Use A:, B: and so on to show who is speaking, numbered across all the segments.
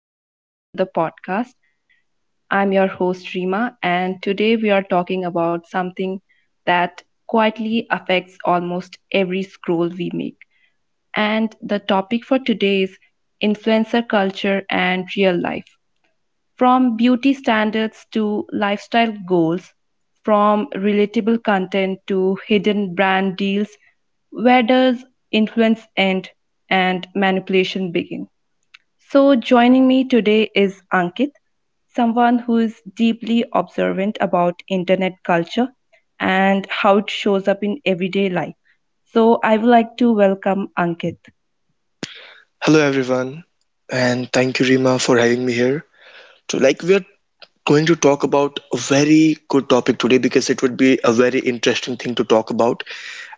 A: And welcome to the podcast. I'm your host, Rima, and today we are talking about something that quietly affects almost every scroll we make. And the topic for today is influencer culture and real life. From beauty standards to lifestyle goals, from relatable content to hidden brand deals, where does influence end and manipulation begin? So, joining me today is Ankit, someone who is deeply observant about internet culture and how it shows up in everyday life. So, I would like to welcome Ankit.
B: Hello everyone, and thank you, Rima, for having me here. So, like, we are going to talk about a very good topic today because it would be a very interesting thing to talk about.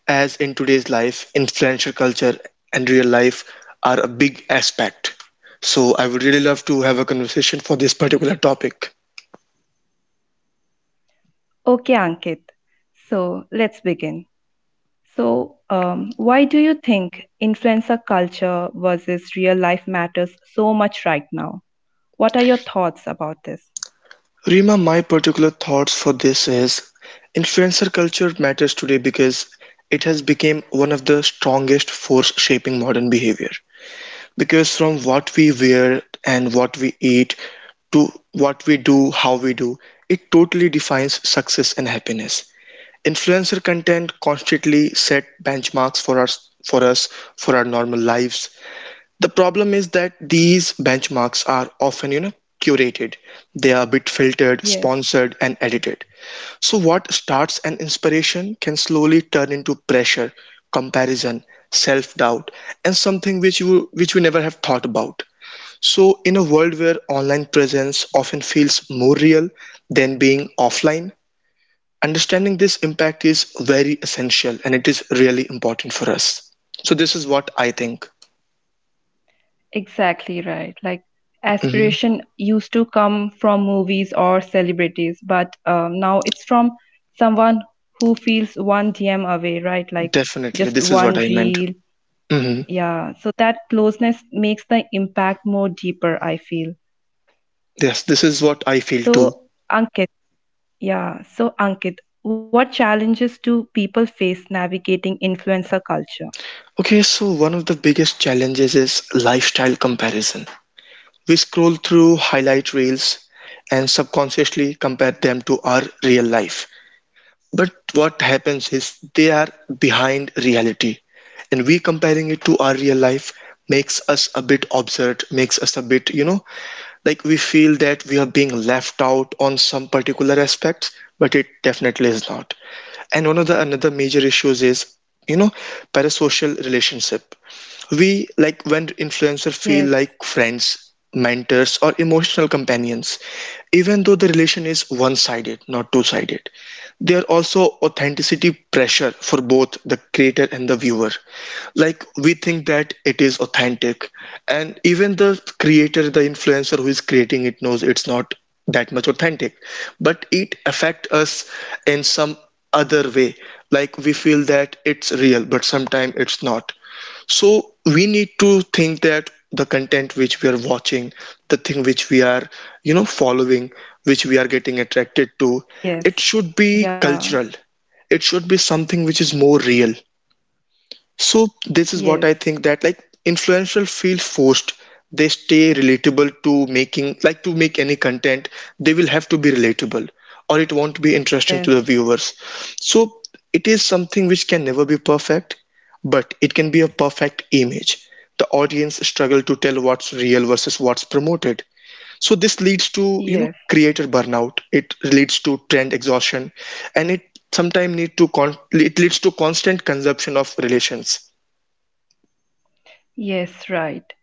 B: As in today's life, influencer culture and real life are a big aspect. So, I would really love to have a conversation for this particular topic.
A: Okay, Ankit. So, let's begin. So, why do you think influencer culture versus real life matters so much right now? What are your thoughts about this?
B: Rima, my particular thoughts for this is influencer culture matters today because it has become one of the strongest force shaping modern behavior. Because from what we wear and what we eat to what we do, how we do, it totally defines success and happiness. Influencer content constantly set benchmarks for us for our normal lives. The problem is that these benchmarks are often, curated. They are a bit filtered,
A: Yes.
B: sponsored and edited. So what starts an inspiration can slowly turn into pressure, comparison, self-doubt and something which we never have thought about. So in a world where online presence often feels more real than being offline, understanding this impact is very essential and it is really important for us. So this is what I think.
A: Exactly right. Like
B: Hmm.
A: aspiration used to come from movies or celebrities, but now it's from someone who feels one DM away, right? Like
B: Definitely,
A: just
B: this is
A: one
B: what I meant.
A: reel.
B: Hmm.
A: Yeah. So that closeness makes the impact more deeper, I feel.
B: Yes, this is what
A: So,
B: I feel too.
A: Ankit, yeah. So, Ankit, what challenges do people face navigating influencer culture?
B: Okay, so one of the biggest challenges is lifestyle comparison. We scroll through highlight reels and subconsciously compare them to our real life. But what happens is they are behind reality, and we comparing it to our real life makes us a bit absurd, makes us a bit, like we feel that we are being left out on some particular aspects, but it definitely is not. And one of the another major issues is, you know, parasocial relationship. We like when
A: Yes.
B: influencers feel like friends, mentors, or emotional companions, even though the relation is one-sided, not two-sided. There are also authenticity pressure for both the creator and the viewer. Like we think that it is authentic, and even the creator, the influencer who is creating it knows it's not that much authentic, but it affect us in some other way. Like we feel that it's real, but sometimes it's not. So we need to think that the content which we are watching, the thing which we are, following, which we are getting attracted to,
A: Yes.
B: it should
A: Yeah.
B: be cultural. It should be something which is more real. So
A: Yes.
B: this is what I think that like influential feel forced. They stay relatable to making like to make any content, they will have to be relatable or it won't be interesting
A: Yes.
B: to the viewers. So it is something which can never be perfect, but it can be a perfect image. The audience struggle to tell what's real versus what's promoted. So this leads to,
A: Yes.
B: creator burnout. It leads to trend exhaustion and it sometimes it leads to constant consumption of relations.
A: Yes. Right.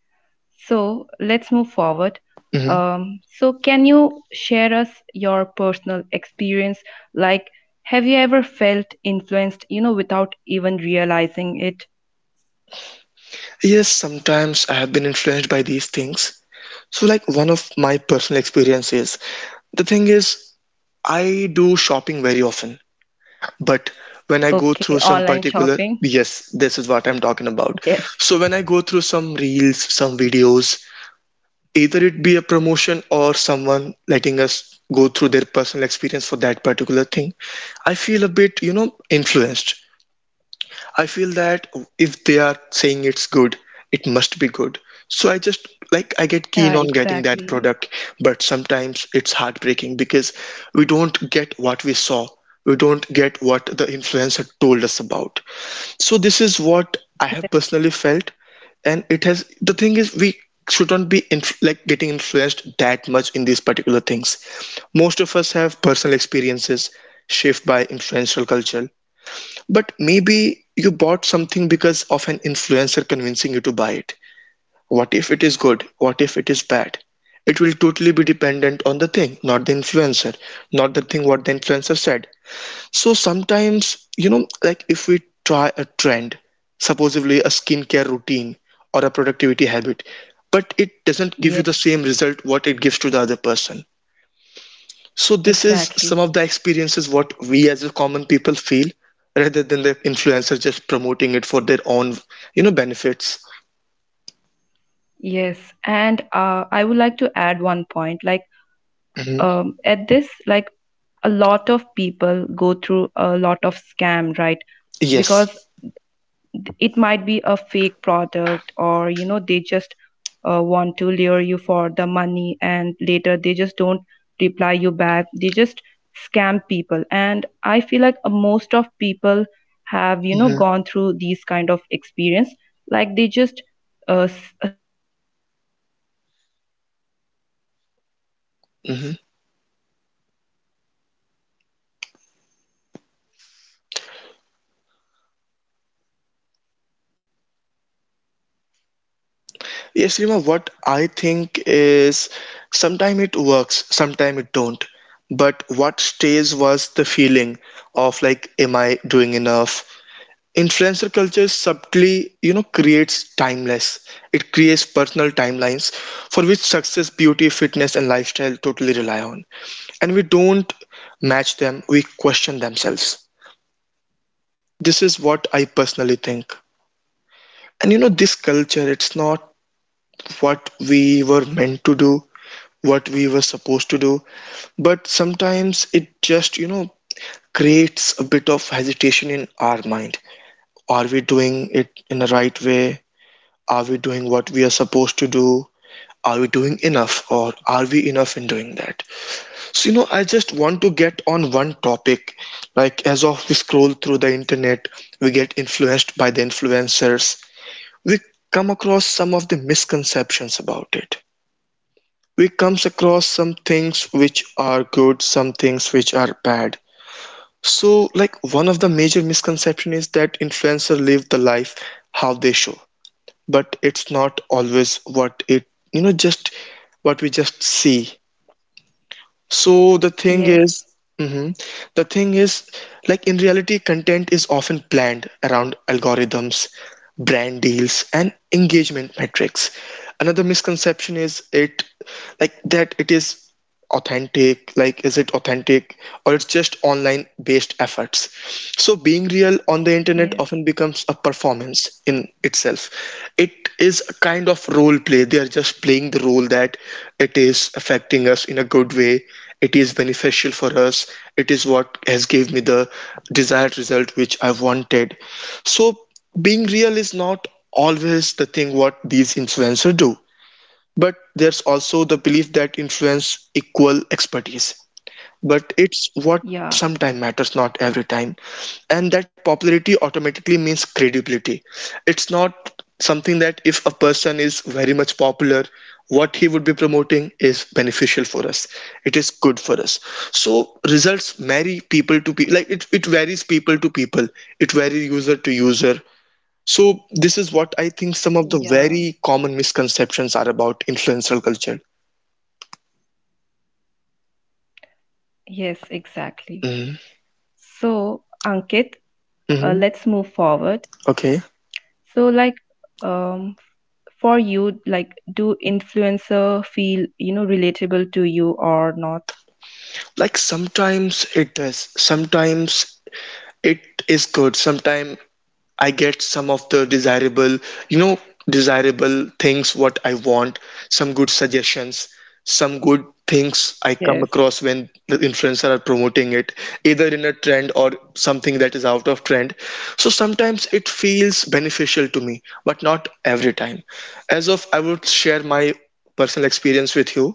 A: So let's move forward.
B: Mhm.
A: So, can you share us your personal experience? Like, have you ever felt influenced, you know, without even realizing it?
B: Yes, sometimes I have been influenced by these things. So, like, one of my personal experiences, the thing is, I do shopping very often, but when I go
A: Okay,
B: through some
A: online
B: particular,
A: shopping.
B: yes, this is what I'm talking about.
A: Yes.
B: So, when I go through some reels, some videos, either it be a promotion or someone letting us go through their personal experience for that particular thing, I feel a bit, influenced. I feel that if they are saying it's good, it must be good. So I just like I get
A: Yeah,
B: keen on getting that
A: exactly.
B: product, but sometimes it's heartbreaking because we don't get what we saw. We don't get what the influencer told us about. So this is what I have
A: Yes.
B: personally felt, and it has the thing is we shouldn't be like getting influenced that much in these particular things. Most of us have personal experiences shaped by influential culture, but maybe you bought something because of an influencer convincing you to buy it. What if it is good? What if it is bad? It will totally be dependent on the thing, not the influencer, not the thing what the influencer said. So sometimes, like if we try a trend, supposedly a skincare routine or a productivity habit, but it doesn't give you
A: Yes,
B: the same result what it gives to the other person. So this is some
A: exactly.
B: of the experiences what we as a common people feel rather than the influencer just promoting it for their own, benefits.
A: Yes. And I would like to add one point. Like,
B: Hmm.
A: at this, like, a lot of people go through a lot of scam, right? Because
B: Yes.
A: it might be a fake product, or you know they just want to lure you for the money, and later they just don't reply you back, they just scam people. And I feel like most of people have, you know,
B: hmm
A: gone through these kind of experience, like they just see what they like, and you know they just fell into that trap
B: hmm.
A: which these smart people just come up with these, you know, um, getting the influencer to give ads on these products, and later they just
B: Yes, Rima,
A: scam
B: what
A: people.
B: I
A: So I
B: think
A: feel like
B: is
A: people
B: sometime
A: have
B: it
A: to be, you know,
B: works,
A: aware
B: sometime
A: of
B: it don't.
A: these kind
B: But
A: of things
B: what
A: and
B: stays
A: not fall
B: was the
A: for these
B: feeling
A: kind of
B: of like, am
A: you
B: I
A: know
B: doing
A: traps.
B: enough? Influencer culture subtly creates timeless, it creates personal timelines
A: um,
B: for
A: so
B: which
A: ankit
B: success, beauty,
A: what's
B: fitness
A: the
B: and lifestyle
A: biggest
B: totally rely on.
A: misconception
B: And
A: about
B: we don't
A: influencer culture?
B: match them, we question themselves. This is what I personally think. And this culture, it's not what we were meant to do, what we were supposed to do. But sometimes it just creates a bit of hesitation in our mind. Are we doing it in the right way? Are we doing what we are supposed to do? Are we doing enough or are we enough in doing that? So, I just want to get on one topic. Like, as of we scroll through the internet, we get influenced by the influencers. We come across some of the misconceptions about it. We comes across some things which are good, some things which are bad. So, like, one of the major misconception is that influencers live the life how they show, but it's not always what it just what we just see. So the thing
A: Yes,
B: is. Mhm. The thing is, like in reality, content is often planned around algorithms, brand deals, and engagement metrics. Another misconception is it like that it is authentic, like is it authentic or it's just online based efforts. So being real on the internet
A: yes,
B: often becomes a performance in itself. It is a kind of role play. They are just playing the role that it is affecting us in a good way, it is beneficial for us. It is what has gave me the desired result which I wanted. So being real is not always the thing what these influencers do. But there's also the belief that influence equal expertise, but it's what
A: yeah,
B: sometime matters, not every time. And that popularity automatically means credibility. It's not something that if a person is very much popular what he would be promoting is beneficial for us, it is good for us. So results vary people to people, like it varies people to people, it varies user to user. So this is what I think some of the
A: yeah,
B: very common misconceptions are about influencer culture.
A: yes, exactly.
B: Mm-hmm.
A: So, Ankit,
B: Mm-hmm.
A: let's move forward.
B: Okay.
A: So, like, um, for you, like, do influencer feel, you know, relatable to you or not?
B: Like sometimes it does. Sometimes it is good. Sometimes I get some of the you know, desirable things what I want, some good suggestions, some good things I come
A: Yes.
B: across when the influencer are promoting it, either in a trend or something that is out of trend. So sometimes it feels beneficial to me, but not every time. As of I would share my personal experience with you.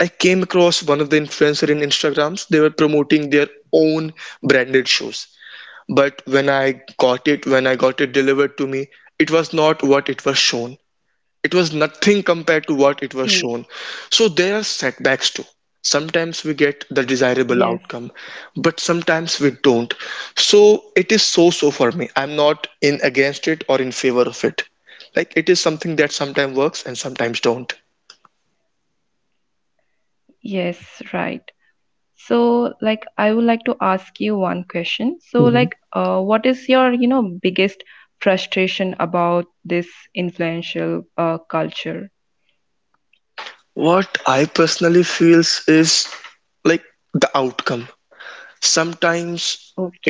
B: I came across one of the influencer in Instagrams. They were promoting their own branded shoes. But when I got it delivered to me, it was not what it was shown. It was nothing compared to what it was
A: Okay.
B: shown. So there are setbacks too. Sometimes we get the desirable
A: Yes.
B: outcome, but sometimes we don't. So it is so so for me. I'm not in against it or in favor of it. Like it is something that sometimes works and sometimes don't.
A: Yes, right. So, like, I would like to ask you one question. So,
B: Mhm.
A: like, what is your, you know, biggest frustration about this influential culture?
B: What I personally feels is like the outcome. Sometimes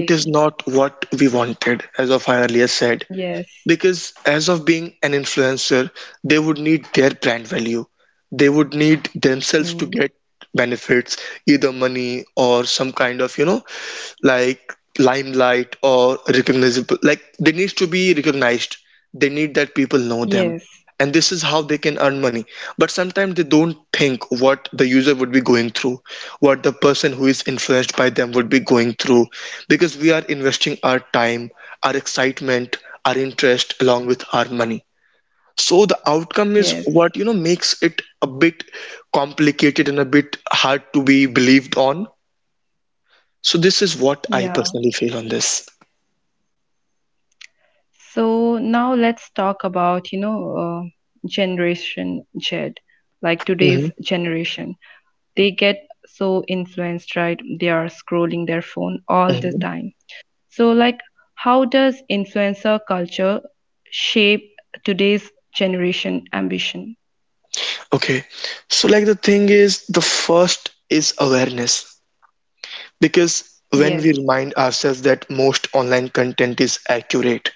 B: it is not what we wanted, as of I earlier said,
A: Yes.
B: because as of being an influencer, they would need their brand value. They would need themselves to get
A: Mm.
B: benefits, either money or some kind of, like limelight or recognizable. Like they need to be recognized. They need that people know them,
A: Yes.
B: and this is how they can earn money. But sometimes they don't think what the user would be going through, what the person who is influenced by them would be going through, because we are investing our time, our excitement, our interest along with our money. So the outcome is
A: Yes.
B: what makes it a bit complicated and a bit hard to be believed on. So this is what I
A: Yeah.
B: personally feel on this.
A: So now let's talk about, you know, Generation Z, like today's
B: Mhm,
A: generation. They get so influenced, right? They are scrolling their phone all the
B: mhm.
A: time. So, like, how does influencer culture shape today's generation ambition?
B: Okay, so like the thing is, the first is awareness. Because when we
A: Yes.
B: remind ourselves that most online content is accurate,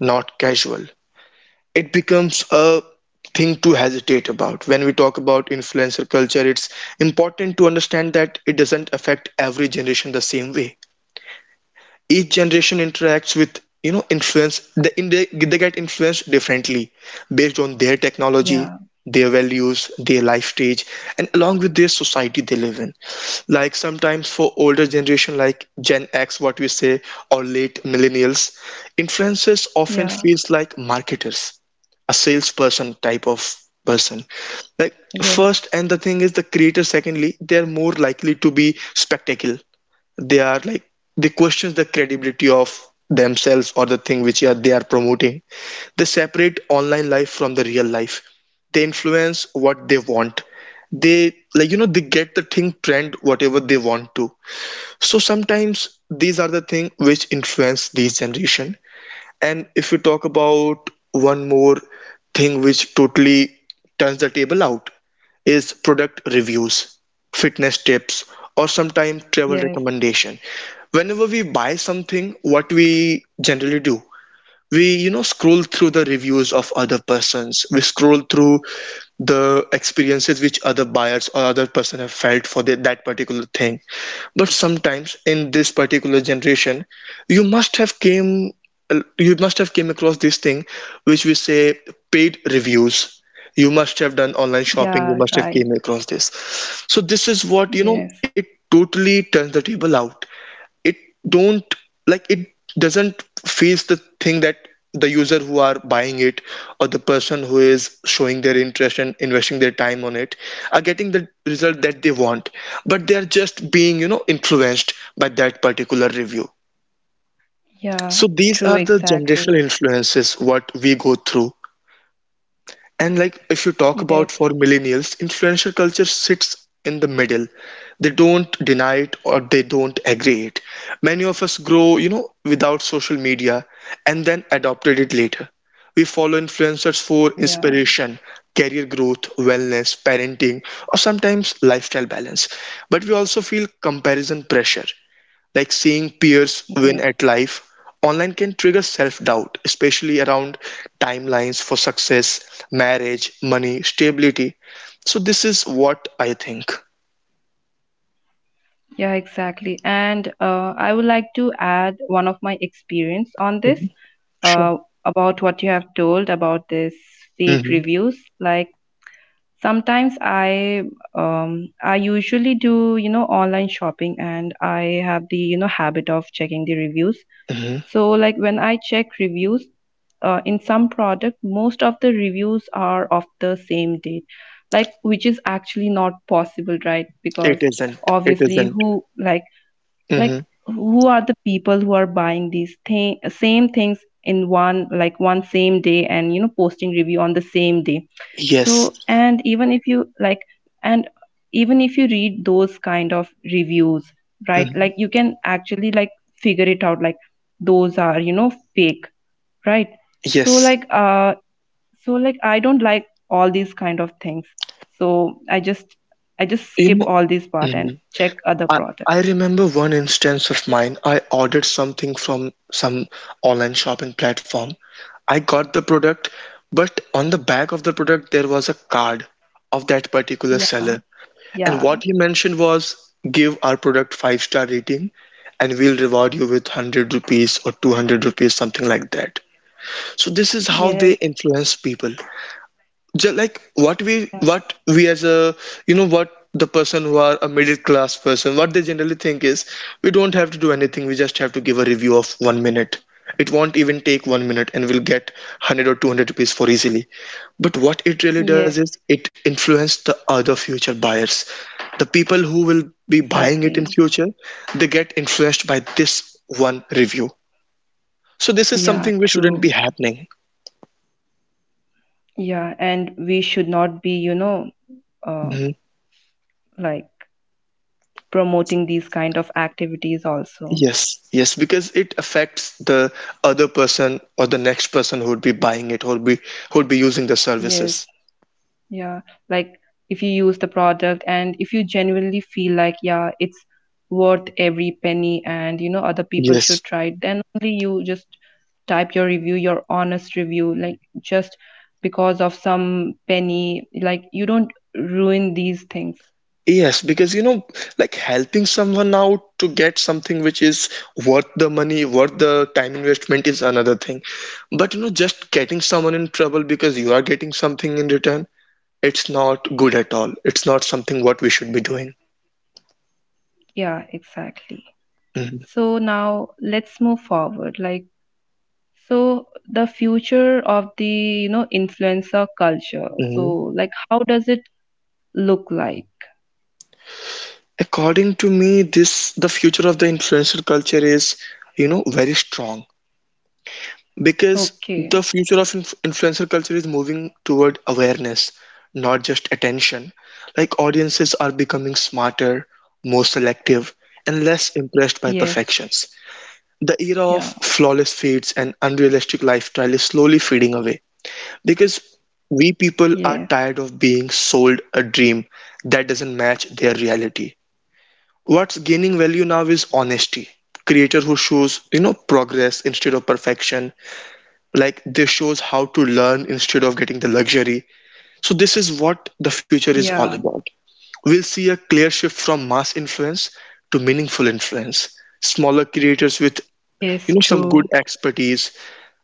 B: not casual, it becomes a thing to hesitate about. When we talk about influencer culture, it's important to understand that it doesn't affect every generation the same way. Each generation interacts with influence. They get influenced differently based on their technology,
A: Yeah.
B: their values, their life stage, and along with their society they live in. Like sometimes for older generation, like gen x what we say, or late millennials, influencers often
A: Yeah.
B: feels like marketers, a salesperson type of person. Like
A: Yes.
B: first and the thing is the creator, secondly they're more likely to be spectacle. They are like, they question the credibility of themselves or the thing which are, they are promoting. They separate online life from the real life. They influence what they want. They like, they get the thing trend whatever they want to. So sometimes these are the thing which influence this generation. And if we talk about one more thing which totally turns the table out, is product reviews, fitness tips, or sometimes
A: Yes.
B: travel recommendation. Whenever we buy something, what we generally do, we scroll through the reviews of other persons. We scroll through the experiences which other buyers or other person have felt for the, that particular thing. But sometimes in this particular generation, you must have came you must have came across this thing which we say paid reviews. You must have done online shopping, you
A: Yeah.
B: must have
A: Right.
B: came across this. So this is what, it
A: Yes.
B: totally turns the table out. It don't, like it doesn't face the thing that the user who are buying it or the person who is showing their interest and investing their time on it are getting the result that they want, but they are just being, influenced by that particular review. So
A: Yeah,
B: these are
A: true,
B: the generational
A: exactly.
B: influences what we go through. And like if you talk about
A: Yes,
B: for millennials, influencer culture sits in the middle. They don't deny it or they don't agree it. Many of us grow, you know, without social media and then adopted it later. We follow influencers for
A: yeah,
B: inspiration, career growth, wellness, parenting, or sometimes lifestyle balance. But we also feel comparison pressure, like seeing peers win
A: yes,
B: at life, online can trigger self doubt, especially around timelines for success, marriage, money, stability. So, this is what I think.
A: yeah, exactly. And I would like to add one of my experience on this
B: Mhm. Sure.
A: uh, about what you have told about this fake
B: Hmm.
A: reviews. Like sometimes I usually do, you know, online shopping, and I have the, you know, habit of checking the reviews.
B: Hmm.
A: So, like when I check reviews in some product, most of the reviews are of the same date, like which is actually not possible, right? Because
B: It isn't. It
A: obviously,
B: isn't.
A: who like
B: Mhm.
A: who are the people who are buying these thing same things in one, like one same day, and you know posting review on the same day.
B: Yes.
A: And even if you like, and even if you read those kind of reviews, right,
B: Mhm.
A: like you can actually like figure it out, like those are, you know, fake, right? so
B: Yes.
A: like uh so like I don't like all these kind of things, so i just I just
B: You
A: skip all this part and
B: know.
A: check other
B: I,
A: product.
B: I remember one instance of mine. I ordered something from some online shopping platform. I got the product, but on the back of the product, there was a card of that particular
A: Yeah,
B: seller. And
A: yeah.
B: what he mentioned was, give our product five-star rating and we'll reward you with 100 rupees or 200 rupees, something like that. So, this is how they
A: Yes,
B: influence people, just like what we
A: yeah,
B: what we as a, what the person who are a middle class person, what they generally think is, we don't have to do anything, we just have to give a review of 1 minute. It won't even take 1 minute and we'll get 100 or 200 rupees for easily. But what it really
A: yes,
B: does is it influences the other future buyers, the people who will be buying it in
A: exactly.
B: future. They get influenced by this one review. So this is
A: Yeah,
B: something which shouldn't be
A: true.
B: happening.
A: Yeah, and we should not be, you know, uh,
B: Mm-hmm.
A: like promoting these kind of activities also.
B: Yes, yes, because it affects the other person or the next person who would be buying it, who would be, who would be using the
A: Yes,
B: services.
A: yeah. Like if you use the product and if you genuinely feel like, yeah, it's worth every penny, and, you know, other people should
B: Yes.
A: try it, then only you just type your review, your honest review, like, just because of some penny, like you don't ruin these things.
B: Yes, because you know, like helping someone out to get something which is worth the money, worth the time investment is another thing. But you know, just getting someone in trouble because you are getting something in return, it's not good at all. It's not something what we should be doing.
A: Yeah, exactly. So now let's move forward. Like, so the future of the, you know, influencer culture. So,
B: Mhm.
A: like, how does it look like?
B: According to me, this the future of the influencer culture is, you know, very strong, because
A: Okay.
B: the future of influencer culture is moving toward awareness, not just attention. Like audiences are becoming smarter, more selective, and less
A: Yes.
B: impressed by perfections.
A: Yeah.
B: The era of flawless feeds and unrealistic lifestyle is slowly fading away, because we
A: Yes.
B: people are tired of being sold a dream that doesn't match their reality. What's gaining value now is honesty. Creator who shows, you know, progress instead of perfection. Like they shows how to learn instead of getting the luxury. So this is what the future is all about.
A: Yeah.
B: We'll see a clear shift from mass influence to meaningful influence. Smaller creators with, you know, some
A: Yes,
B: good
A: true.
B: expertise,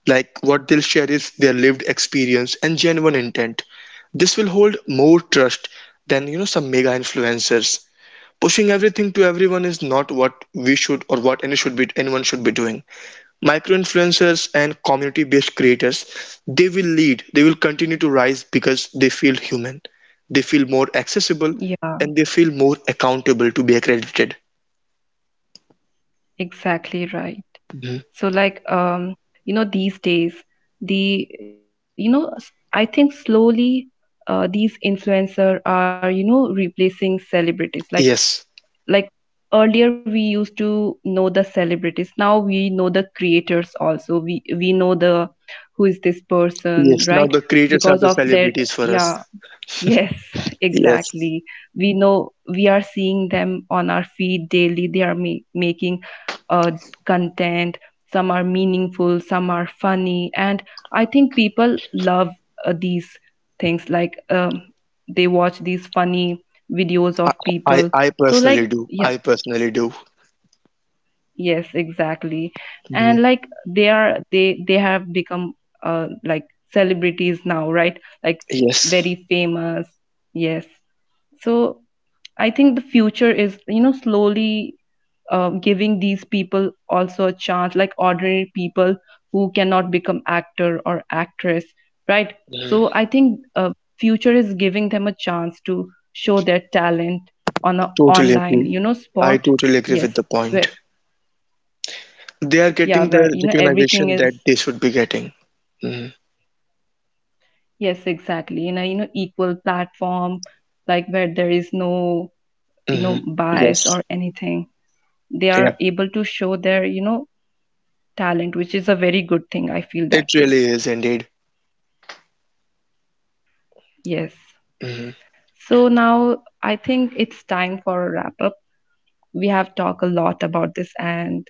B: like what they'll share is their lived experience and genuine intent. This will hold more trust than, you know, some mega influencers. Pushing everything to everyone is not what we should, or what any should be, anyone should be doing. Micro influencers and community based creators, they will lead, they will continue to rise because they feel human, they feel more accessible, and they
A: Yeah,
B: feel more accountable to be accredited.
A: exactly right.
B: Mhm.
A: So, like, you know, these days, the, you know, I think slowly, these influencer are, you know, replacing celebrities.
B: Yes,
A: Like earlier we used to know the celebrities, now we know the creators also, we know the who is this
B: yes. Now
A: person
B: the creators
A: because
B: are
A: of
B: the
A: their
B: celebrities for
A: yeah.
B: us.
A: Yes,
B: Yes,
A: exactly. We know we are seeing them on our feed daily. They are making uh, content. Some are meaningful, some are funny. And I think people love these things. Like they watch these funny videos
B: I
A: of
B: I,
A: people.
B: I
A: So, like,
B: personally do.
A: yeah,
B: I personally do.
A: yes, exactly.
B: Mhm.
A: And like they have become like celebrities now, right? Like
B: Yes,
A: very famous. Yes. So I think the future is, you know, slowly giving these people also a chance, like ordinary people who cannot become actor or actress, right? So I think future is giving them a chance to show their talent on a
B: totally
A: online,
B: agree.
A: you know,
B: I
A: spot.
B: totally agree
A: Yes,
B: with the
A: where
B: point. They are
A: yeah,
B: getting
A: where
B: the
A: you know everything
B: recognition that
A: is,
B: they should be getting. Hmm.
A: yes, exactly, in a you know equal platform, like where there is no, you know,
B: Hmm.
A: bias or
B: Yes.
A: anything. They
B: Yeah.
A: are able to show their, you know, talent, which is a very good thing. I feel
B: It
A: that way.
B: really is indeed.
A: Yes.
B: Hmm.
A: So now I think it's time for a wrap up. We have talked a lot about this, and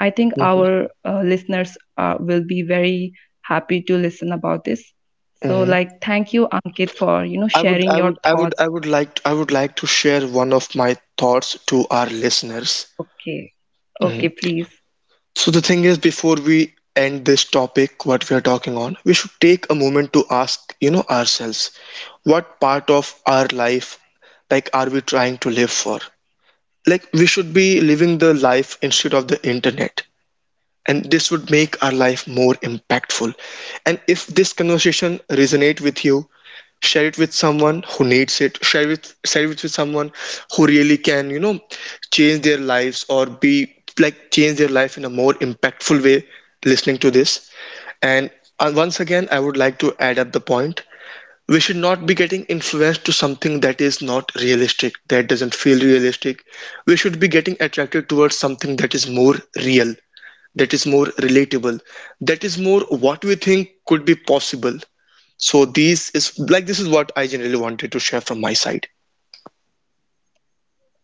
A: I think
B: Hmm.
A: our listeners will be very happy to listen about this. So,
B: Hmm.
A: like, thank you, Ankit, for you know
B: I would,
A: sharing
B: I would,
A: your
B: I would,
A: thoughts.
B: I would like to share one of my thoughts to our listeners.
A: Okay, okay,
B: Mhm.
A: please.
B: So the thing is, before we end this topic, what we are talking on, we should take a moment to ask, you know, ourselves, what part of our life, like, are we trying to live for? Like, we should be living the life instead of the internet. And this would make our life more impactful. And if this conversation resonate with you, share it with someone who needs it. Share it with someone who really can, you know, change their lives, or be, like, change their life in a more impactful way listening to this. And once again I would like to add up the point, we should not be getting influenced to something that is not realistic, that doesn't feel realistic. We should be getting attracted towards something that is more real, that is more relatable, that is more what we think could be possible. So these is Like this is what I generally wanted to share from my side.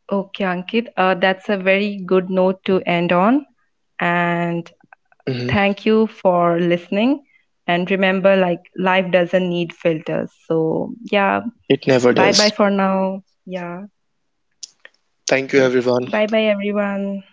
A: Okay, Ankit, that's a very good note to end on. And
B: Mhm.
A: thank you for listening. And remember, like, life doesn't need filters. So, yeah,
B: It never
A: bye bye
B: does.
A: for now. Yeah,
B: Thank you
A: yes.
B: everyone.
A: Bye bye, everyone.